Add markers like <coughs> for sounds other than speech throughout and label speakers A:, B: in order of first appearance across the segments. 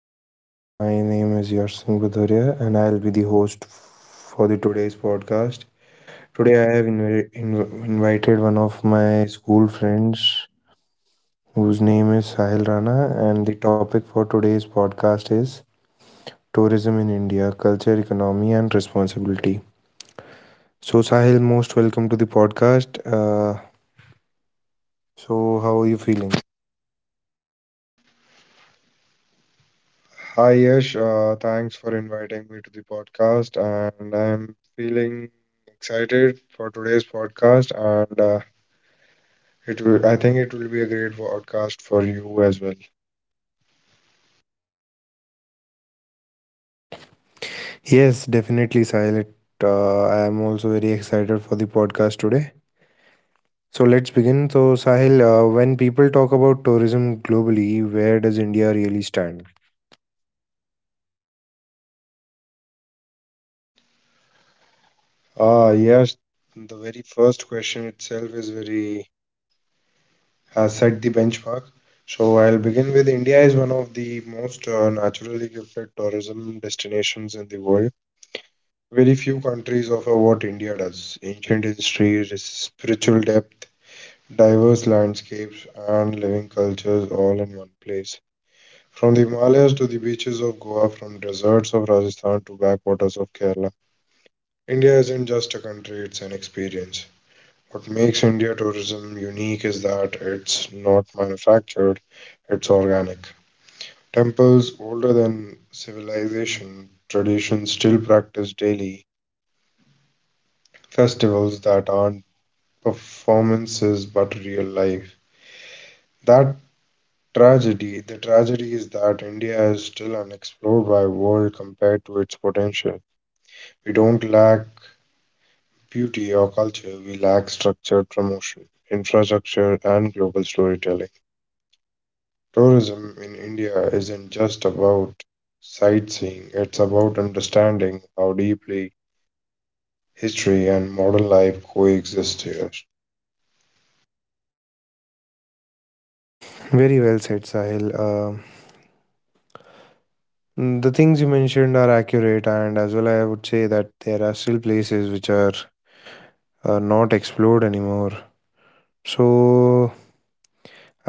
A: another vlog. My name is Yash Singh Bhadoria and I'll be the host for the today's podcast. Today I have invited one of my school friends whose name is Sahil Rana, and the topic for today's podcast is tourism in India, culture, economy and responsibility. So Sahil, most welcome to the podcast. So how are you feeling?
B: Hi Yash, thanks for inviting me to the podcast, and I'm feeling excited for today's podcast, and it will, I think it will be a great podcast for you as well.
A: Yes, definitely Sahil. I am also very excited for the podcast today. So let's begin. So, Sahil, when people talk about tourism globally, where does India really stand?
B: Ah yes, the very first question itself is very has set the benchmark. So I'll begin with India is one of the most naturally gifted tourism destinations in the world. Very few countries offer what India does: ancient history, spiritual depth, diverse landscapes and living cultures all in one place. From the Himalayas to the beaches of Goa, from deserts of Rajasthan to backwaters of Kerala, India isn't just a country, it's an experience. What makes India tourism unique is that it's not manufactured, it's organic. Temples older than civilization, traditions still practiced daily, festivals that aren't performances but real life. That Tragedy. The tragedy is that India is still unexplored by world compared to its potential. We don't lack beauty or culture, we lack structured promotion, infrastructure, and global storytelling. Tourism in India isn't just about sightseeing, it's about understanding how deeply history and modern life coexist here.
A: Very well said, Sahil. The things you mentioned are accurate, and as well, I would say that there are still places which are not explored anymore. So,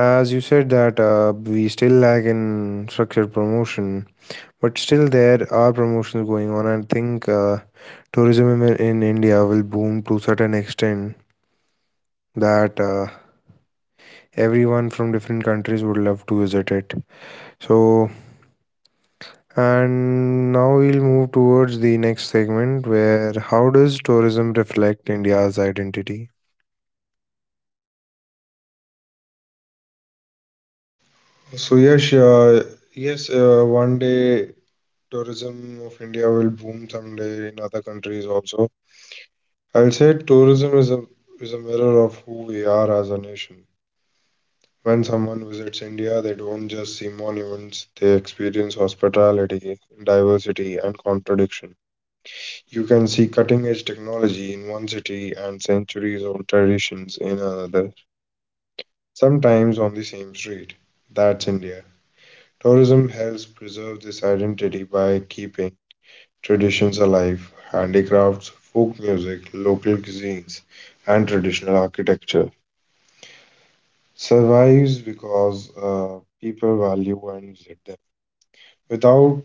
A: as you said, that we still lack in structured promotion, but still there are promotions going on. I think tourism in India will boom to certain extent that. Everyone from different countries would love to visit it. So, and now we'll move towards the next segment where how does tourism reflect India's identity?
B: So yes, uh, yes. One day tourism of India will boom someday in other countries also. I will say tourism is a mirror of who we are as a nation. When someone visits India, they don't just see monuments, they experience hospitality, diversity, and contradiction. You can see cutting edge technology in one city and centuries old traditions in another, sometimes on the same street. That's India. Tourism helps preserve this identity by keeping traditions alive, handicrafts, folk music, local cuisines, and traditional architecture. Survives because people value and live them. Without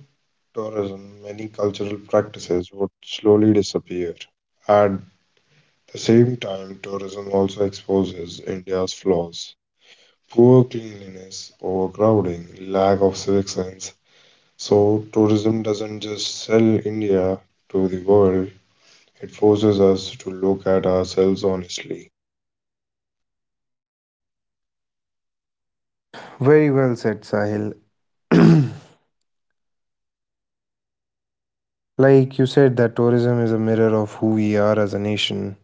B: tourism, many cultural practices would slowly disappear. At the same time, tourism also exposes India's flaws, poor cleanliness, overcrowding, lack of civic sense. So, tourism doesn't just sell India to the world, it forces us to look at ourselves honestly.
A: Very well said, Sahil. <clears throat> Like you said, that tourism is a mirror of who we are as a nation.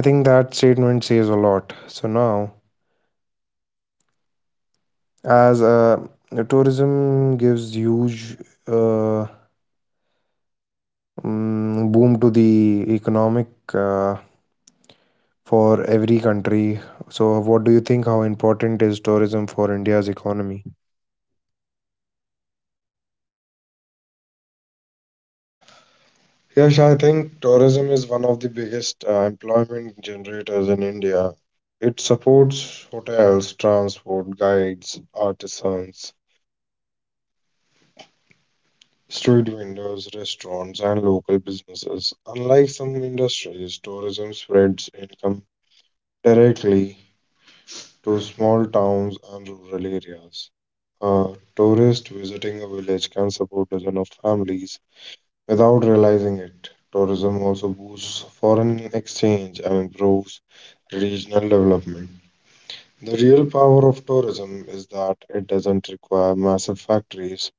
A: I think that statement says a lot. So now, as a tourism gives huge uh, boom to the economic uh, for every country. So, what do you think? How important is tourism for India's economy?
B: Yes, I think tourism is one of the biggest employment generators in India. It supports hotels, transport, guides, artisans, street vendors, restaurants, and local businesses. Unlike some industries, tourism spreads income directly to small towns and rural areas. A tourist visiting a village can support dozens of families. Without realizing it, tourism also boosts foreign exchange and improves regional development. The real power of tourism is that it doesn't require massive factories,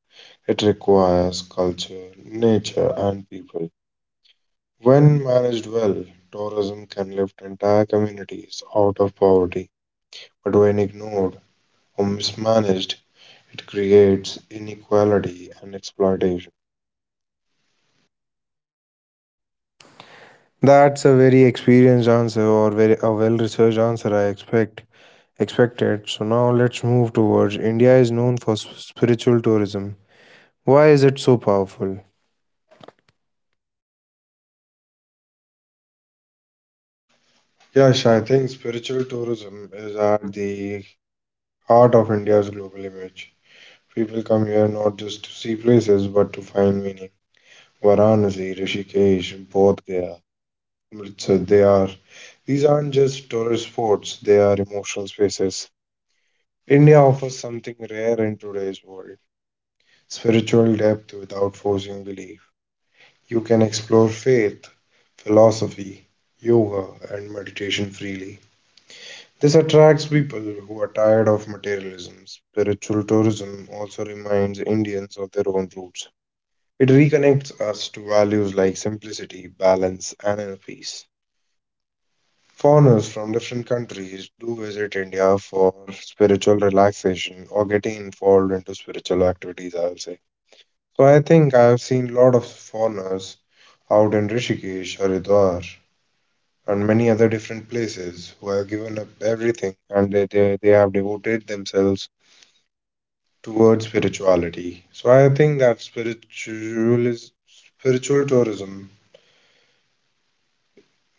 B: it requires culture, nature, and people. When managed well, tourism can lift entire communities out of poverty, but when ignored or mismanaged, it creates inequality and exploitation.
A: That's a very experienced answer or very a well-researched answer. I expect expected. So now let's move towards India is known for spiritual tourism. Why is it so powerful?
B: Yeah, Shai, I think spiritual tourism is at the heart of India's global image. People come here not just to see places but to find meaning. Varanasi, Rishikesh, Bodh Gaya, Amritsar, they are. These aren't just tourist spots, they are emotional spaces. India offers something rare in today's world, spiritual depth without forcing belief. You can explore faith, philosophy, yoga, and meditation freely. This attracts people who are tired of materialism. Spiritual tourism also reminds Indians of their own roots. It reconnects us to values like simplicity, balance, and inner peace. Foreigners from different countries do visit India for spiritual relaxation or getting involved into spiritual activities, I'll say. So I think I've seen a lot of foreigners out in Rishikesh, Haridwar, and many other different places who have given up everything and they have devoted themselves towards spirituality. So I think that spiritual tourism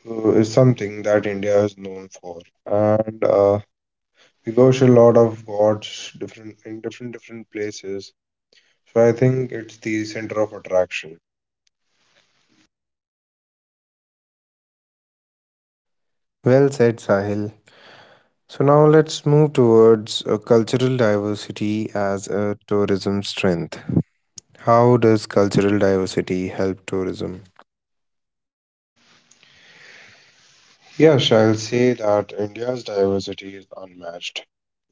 B: is something that India is known for, and we worship a lot of gods different in different places. So I think it's the center of attraction.
A: Well said, Sahil. So now let's move towards cultural diversity as a tourism strength. How does cultural diversity help tourism?
B: Yes, I'll say that India's diversity is unmatched.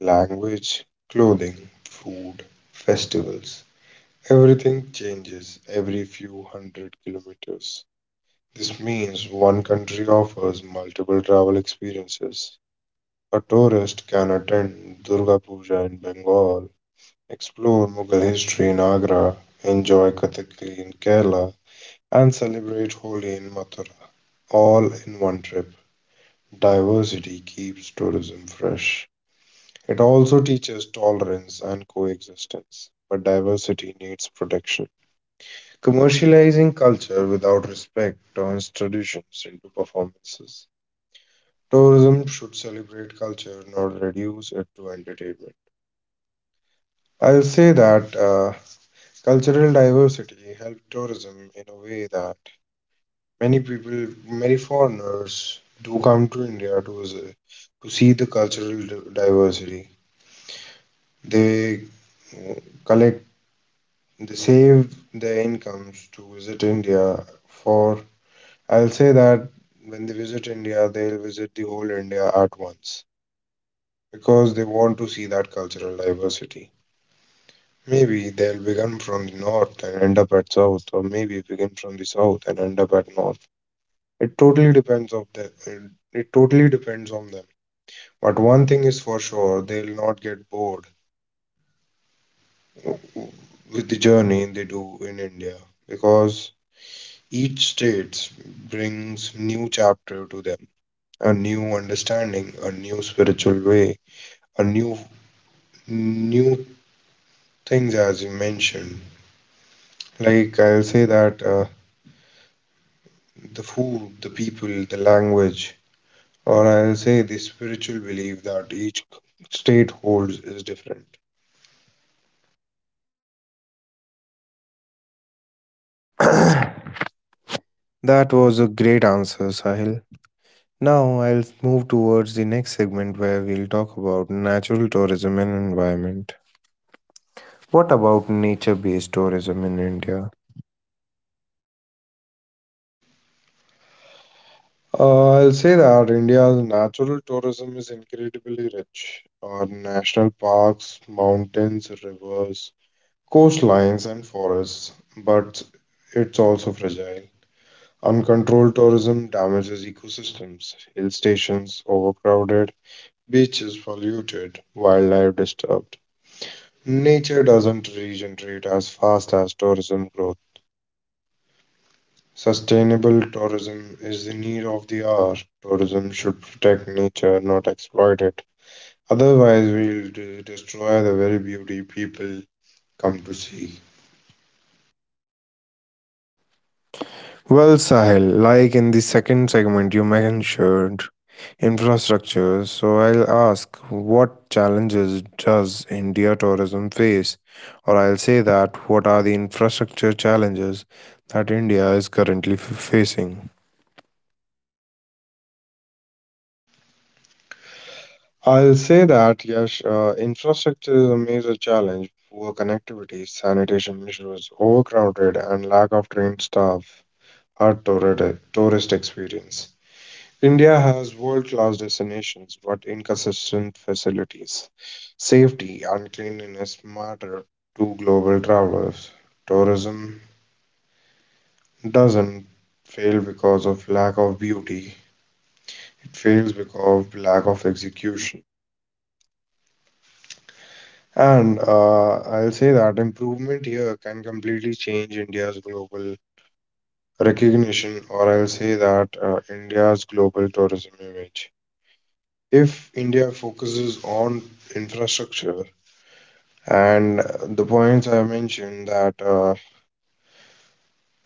B: Language, clothing, food, festivals. Everything changes every few hundred kilometers. This means one country offers multiple travel experiences. A tourist can attend Durga Puja in Bengal, explore Mughal history in Agra, enjoy Kathakali in Kerala, and celebrate Holi in Mathura, all in one trip. Diversity keeps tourism fresh. It also teaches tolerance and coexistence, but diversity needs protection. Commercializing culture without respect turns traditions into performances. Tourism should celebrate culture, not reduce it to entertainment. I'll say that cultural diversity helps tourism in a way that many people, many foreigners, do come to India to visit, to see the diversity. They uh, collect, they save their incomes to visit India for. I'll say that when they visit India, they'll visit the whole India at once because they want to see that cultural diversity. Maybe they'll begin from the north and end up at south, or maybe begin from the south and end up at north. It totally depends of the it, it totally depends on them. But one thing is for sure, they'll not get bored w- w- with the journey they do in India because each state brings new chapter to them, a new understanding, a new spiritual way, a new things as you mentioned. Like I'll say that. The food, the people, the language, or I'll say the spiritual belief that each state holds is different.
A: <coughs> <clears throat> That was a great answer, Sahil. Now, I'll move towards the next segment where we'll talk about natural tourism and environment. What about nature based tourism in India?
B: I'll say that India's natural tourism is incredibly rich. Our national parks, mountains, rivers, coastlines, and forests, but it's also fragile. Uncontrolled tourism damages ecosystems, hill stations overcrowded, beaches polluted, wildlife disturbed. Nature doesn't regenerate as fast as tourism growth. Sustainable tourism is the need of the hour. Tourism should protect nature, not exploit it. Otherwise, we'll destroy the very beauty people come to see.
A: Well, Sahil, like in the second segment, you mentioned infrastructure. So I'll ask what challenges does India tourism face? Or I'll say that what are the infrastructure challenges that India is currently facing?
B: I'll say that, yes, infrastructure is a major challenge. Poor connectivity, sanitation issues, overcrowded, and lack of trained staff are tourist experience. India has world class destinations but inconsistent facilities. Safety and cleanliness matter to global travelers. Tourism doesn't fail because of lack of beauty, it fails because of lack of execution. And I'll say that improvement here can completely change India's global recognition, or I'll say that India's global tourism image. If India focuses on infrastructure, and the points I mentioned that uh,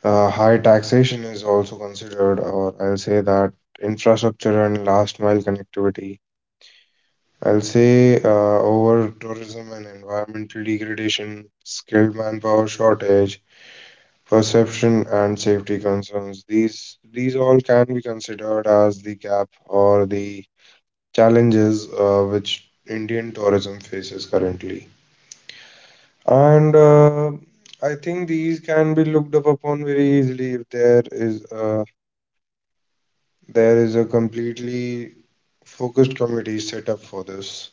B: uh, high taxation is also considered, or I'll say that infrastructure and last mile connectivity. I'll say over tourism and environmental degradation, skilled manpower shortage, perception and safety concerns. These all can be considered as the gap or the challenges which Indian tourism faces currently. And I think these can be looked up upon very easily if there is a completely focused committee set up for this.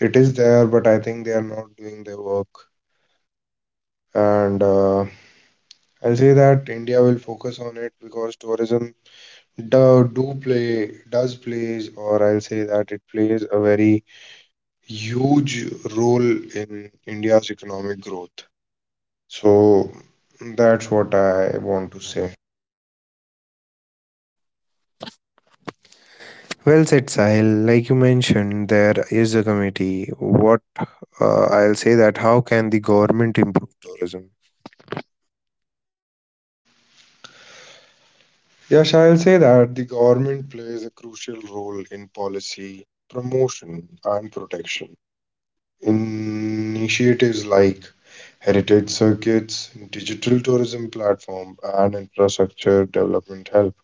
B: It is there, but I think they are not doing their work. And I'll say that India will focus on it because tourism do, do play does plays, or I'll say that it plays a very huge role in India's economic growth. So that's what I want to say.
A: Well said, Sahil. Like you mentioned, there is a committee. What I'll say that how can the government improve tourism?
B: Yes, I'll say that the government plays a crucial role in policy promotion and protection. Initiatives like heritage circuits, digital tourism platform, and infrastructure development help.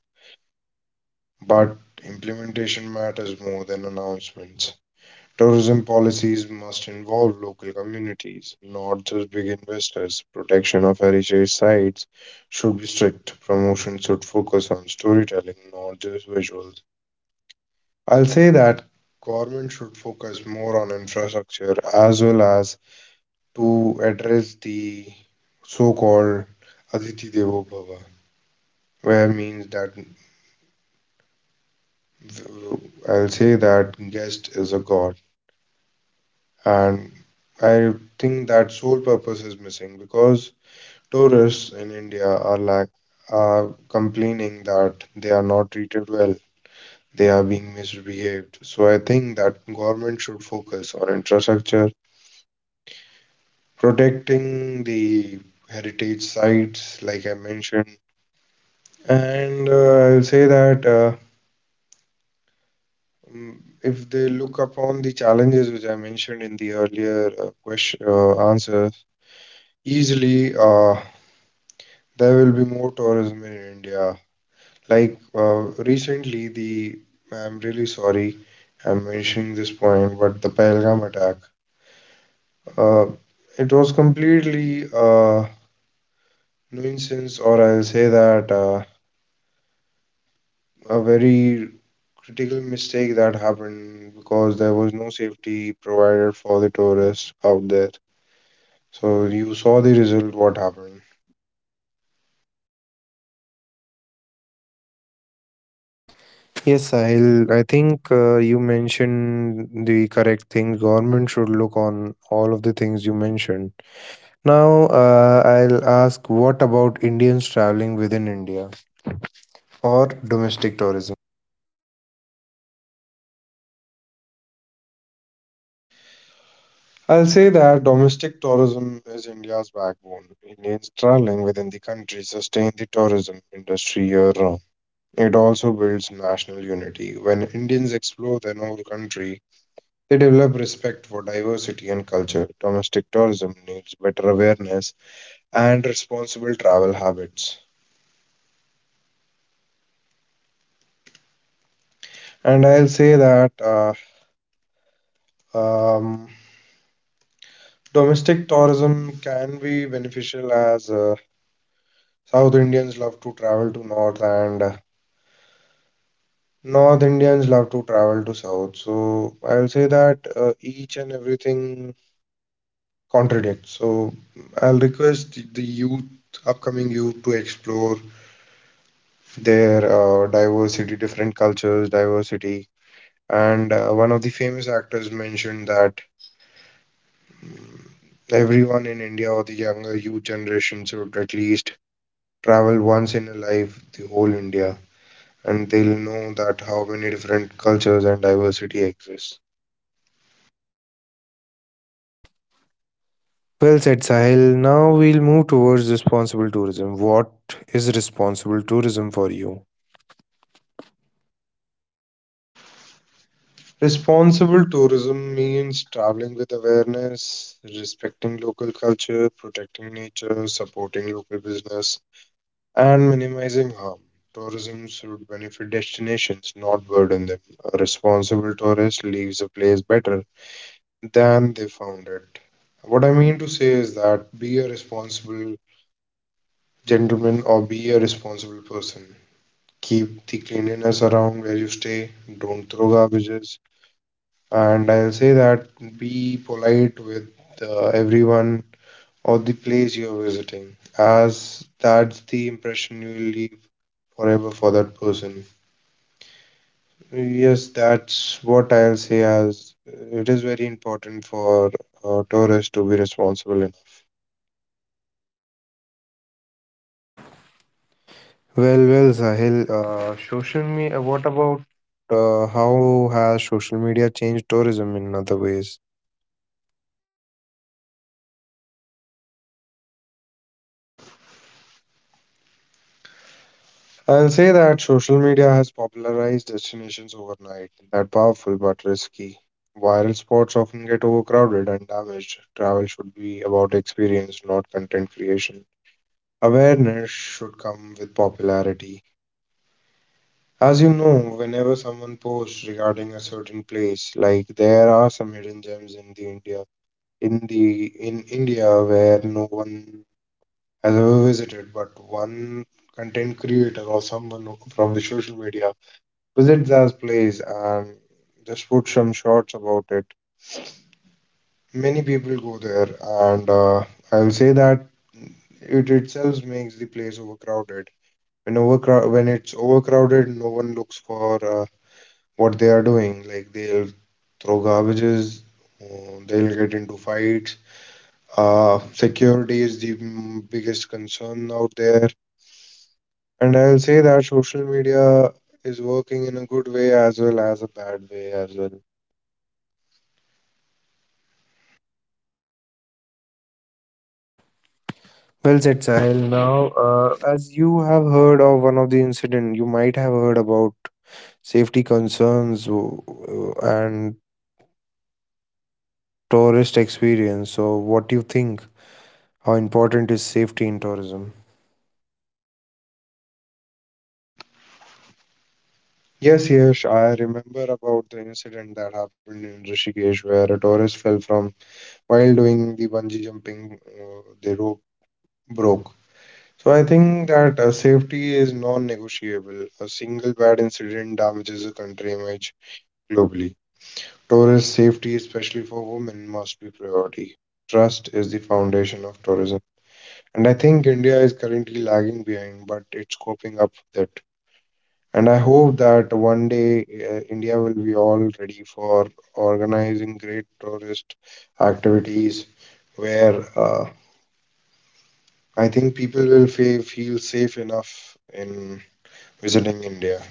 B: But implementation matters more than announcements. Tourism policies must involve local communities, not just big investors. Protection of heritage sites should be strict. Promotion should focus on storytelling, not just visuals. I'll say that government should focus more on infrastructure as well as to address the so-called Aditi Devo Bhava, where means that I'll say that guest is a god, and I think that sole purpose is missing because tourists in India are like are complaining that they are not treated well, they are being misbehaved. So I think that government should focus on infrastructure, protecting the heritage sites, like I mentioned. And I'll say that mm, if they look upon the challenges which I mentioned in the earlier question answers, easily there will be more tourism in India. Like recently, the I'm really sorry I'm mentioning this point, but the Pahalgam attack, uh, it was completely nuisance, or I'll say that. A very critical mistake that happened because there was no safety provided for the tourists out there. So you saw the result what happened.
A: Yes, I think you mentioned the correct thing. Government should look on all of the things you mentioned. Now, I'll ask what about Indians traveling within India or domestic tourism?
B: I'll say that domestic tourism is India's backbone. Indians traveling within the country sustain the tourism industry year round. It also builds national unity. When Indians explore their own country, they develop respect for diversity and culture. Domestic tourism needs better awareness and responsible travel habits. And I'll say that um, domestic tourism can be beneficial as South Indians love to travel to North and North Indians love to travel to South. So I'll say that each and everything contradicts. So I'll request the youth, upcoming youth, to explore their diversity, different cultures, diversity. And one of the famous actors mentioned that everyone in India or the younger youth generation should at least travel once in a life the whole India and they'll know that how many different cultures and diversity exist.
A: Well said, Sahil. Now we'll move towards responsible tourism. What is responsible tourism for you?
B: Responsible tourism means traveling with awareness, respecting local culture, protecting nature, supporting local business, and minimizing harm. Tourism should benefit destinations, not burden them. A responsible tourist leaves a place better than they found it. What I mean to say is that be a responsible Gentlemen, or be a responsible person. Keep the cleanliness around where you stay. Don't throw garbages. And I'll say that be polite with everyone or the place you're visiting, as that's the impression you will leave forever for that person. Yes, that's what I'll say. As it is very important for tourists to be responsible.
A: Well, Sahil, social media, what about how has social media changed tourism in other ways?
B: I'll say that social media has popularized destinations overnight, that powerful but risky. Viral spots often get overcrowded and damaged. Travel should be about experience, not content creation. Awareness should come with popularity. As you know, whenever someone posts regarding a certain place, like there are some hidden gems in the India, in India where no one has ever visited, but one content creator or someone from the social media visit that place and just put some shots about it. Many people go there, and I'll say that it itself makes the place overcrowded. When overcrow when it's overcrowded, no one looks for what they are doing. Like they'll throw garbages, they'll get into fights. Security is the biggest concern out there, and I'll say that social media is working in a good way as well as a bad way as well.
A: Well said, Sahil. Now, as you have heard of one of the incident, you might have heard about safety concerns and tourist experience. So, what do you think? How important is safety in tourism?
B: Yes, yes, I remember about the incident that happened in Rishikesh where a tourist fell from while doing the bungee jumping, the rope broke. So I think that safety is non-negotiable. A single bad incident damages a country image globally. Tourist safety, especially for women, must be priority. Trust is the foundation of tourism, and I think India is currently lagging behind, but it's coping up with it. And I hope that one day India will be all ready for organizing great tourist activities where I think people will fe feel safe enough in visiting India.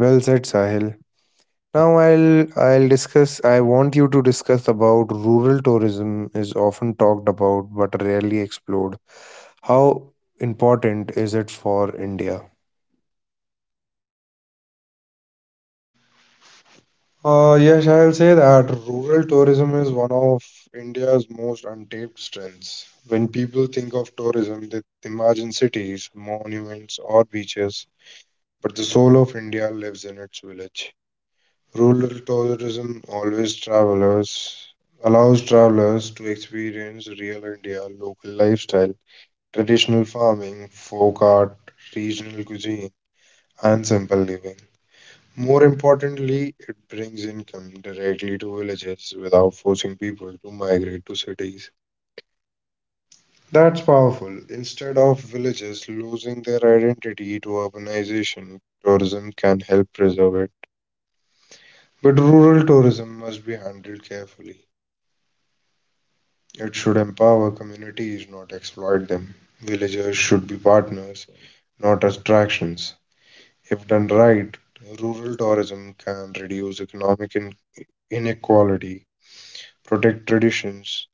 A: Well said, Sahil. Now I want you to discuss about rural tourism is often talked about but rarely explored. How important is it for India?
B: Yes, I'll say that rural tourism is one of India's most untapped strengths. When people think of tourism, they imagine cities, monuments, or beaches, but the soul of India lives in its village. Rural tourism always travelers allows travelers to experience real India local lifestyle, traditional farming, folk art, regional cuisine, and simple living. More importantly, it brings income directly to villages without forcing people to migrate to cities. That's powerful. Instead of villages losing their identity to urbanization, tourism can help preserve it. But rural tourism must be handled carefully. It should empower communities, not exploit them. Villagers should be partners, not attractions. If done right, rural tourism can reduce economic inequality, protect traditions,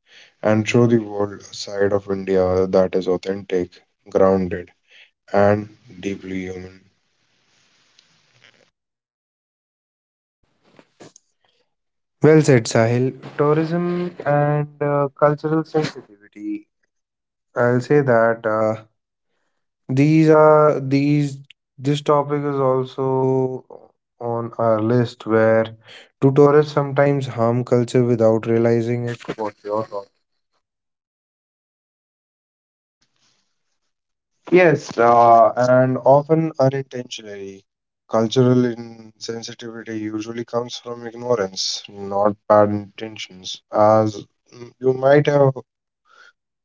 B: and show the world a side of India that is authentic, grounded, and deeply human.
A: Well said, Sahil. Tourism and cultural sensitivity. I'll say that these are these. This topic is also on our list. Where do tourists sometimes harm culture without realizing it? What's your thought?
B: Yes, and often unintentionally. Cultural insensitivity usually comes from ignorance, not bad intentions. As you might have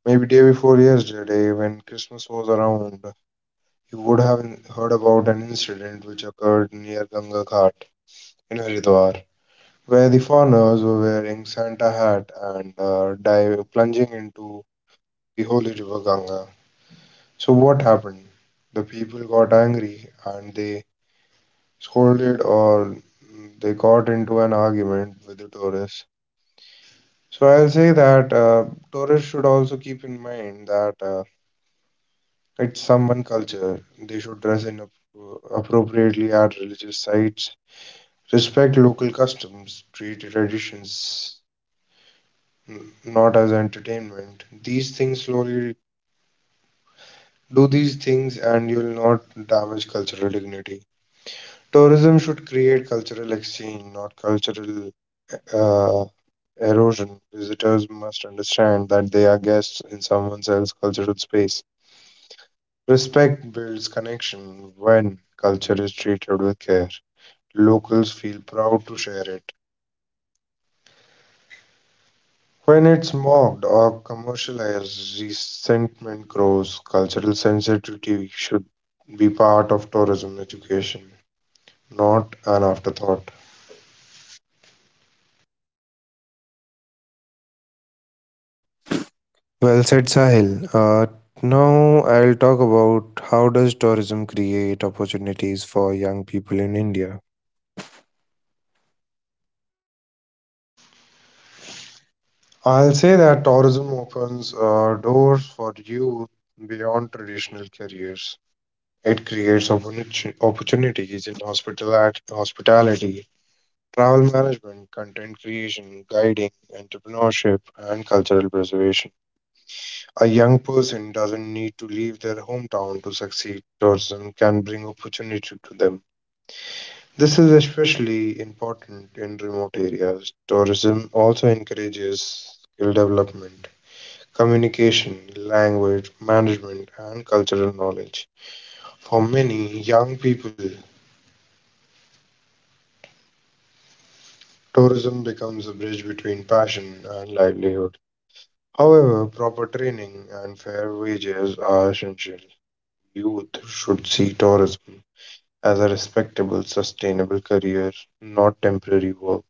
B: maybe day before yesterday, when Christmas was around, you would have heard about an incident which occurred near Ganga Ghat in Haridwar, where the foreigners were wearing Santa hat and plunging into the holy river Ganga. So what happened? The people got angry and they scolded, or they got into an argument with the tourists. So I'll say that tourists should also keep in mind that it's someone culture. They should dress appropriately at religious sites, respect local customs, treat traditions not as entertainment. These things slowly do these things and you'll not damage cultural dignity. Tourism should create cultural exchange, not cultural uh, erosion. Visitors must understand that they are guests in someone else's cultural space. Respect builds connection. When culture is treated with care, locals feel proud to share it. When it's mocked or commercialized, resentment grows. Cultural sensitivity should be part of tourism education, not an afterthought.
A: Well said, Sahil. Now I'll talk about how does tourism create opportunities for young people in India.
B: I'll say that tourism opens doors for youth beyond traditional careers. It creates opportunities in hospitality, travel management, content creation, guiding, entrepreneurship, and cultural preservation. A young person doesn't need to leave their hometown to succeed. Tourism can bring opportunity to them. This is especially important in remote areas. Tourism also encourages skill development, communication, language, management, and cultural knowledge. For many young people, tourism becomes a bridge between passion and livelihood. However, proper training and fair wages are essential. Youth should see tourism as a respectable, sustainable career, not temporary work.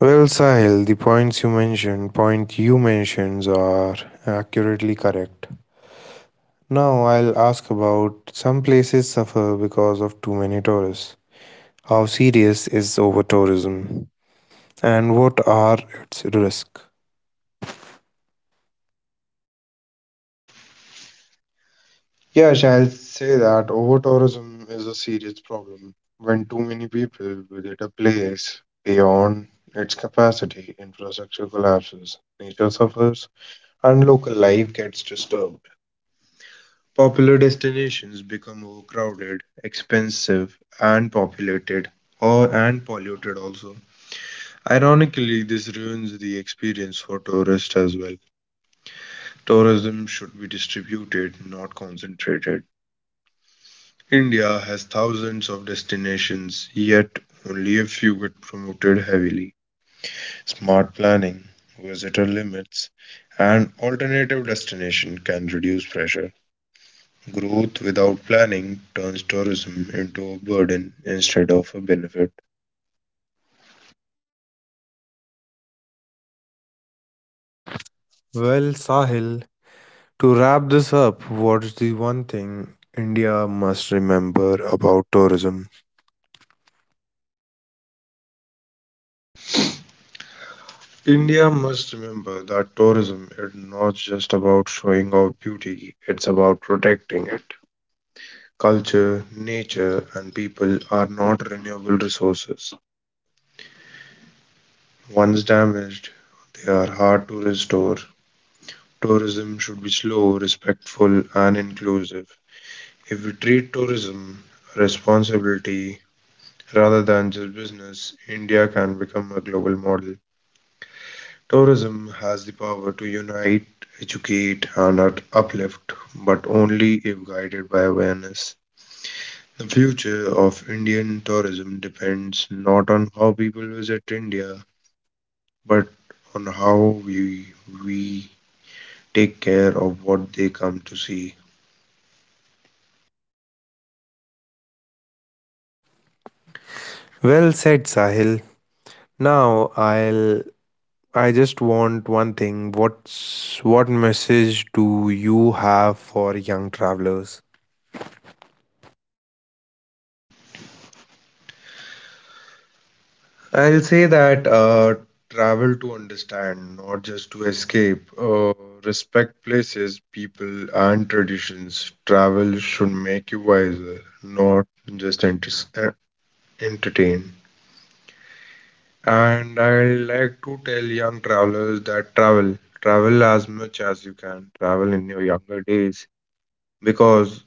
A: Well, Sahil, the points you mentioned, point you mentions are accurately correct. Now I'll ask about some places suffer because of too many tourists. How serious is over tourism and what are its risks?
B: Yes, I'll say that over tourism is a serious problem. When too many people visit a place beyond its capacity, infrastructure collapses, nature suffers, and local life gets disturbed. Popular destinations become overcrowded, expensive, and populated, or and polluted also. Ironically, this ruins the experience for tourists as well. Tourism should be distributed, not concentrated. India has thousands of destinations, yet only a few get promoted heavily. Smart planning, visitor limits, and alternative destination can reduce pressure. Growth without planning turns tourism into a burden instead of a benefit.
A: Well, Sahil, to wrap this up, what's the one thing India must remember about tourism?
B: India must remember that tourism is not just about showing off beauty, it's about protecting it. Culture, nature, and people are not renewable resources. Once damaged, they are hard to restore. Tourism should be slow, respectful, and inclusive. If we treat tourism a responsibility rather than just business, India can become a global model. Tourism has the power to unite, educate, and uplift, but only if guided by awareness. The future of Indian tourism depends not on how people visit India, but on how we take care of what they come to see.
A: Well said, Sahil. Now I just want one thing. What message do you have for young travelers?
B: I'll say that travel to understand, not just to escape. Respect places, people, and traditions. Travel should make you wiser, not just uh, entertain. And I like to tell young travelers that travel as much as you can, travel in your younger days, because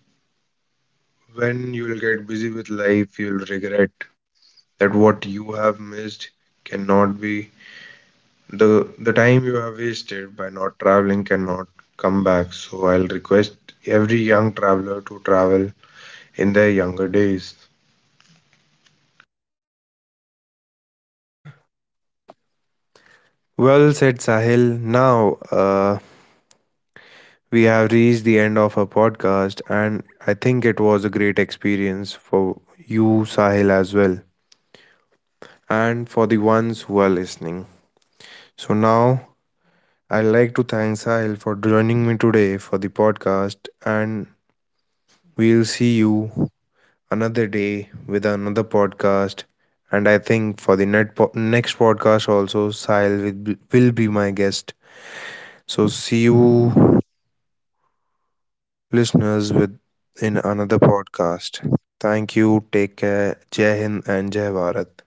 B: when you'll get busy with life, you'll regret that what you have missed cannot be. The time you have wasted by not traveling cannot come back, so I'll request every young traveler to travel in their younger days.
A: Well said, Sahil. Now we have reached the end of our podcast, and I think it was a great experience for you, Sahil, as well, and for the ones who are listening. So now I'd like to thank Sahil for joining me today for the podcast, and we'll see you another day with another podcast. And I think for the next podcast, also, Sahil will be my guest. So, see you, listeners, with in another podcast. Thank you. Take care. Jai Hind and Jai Bharat.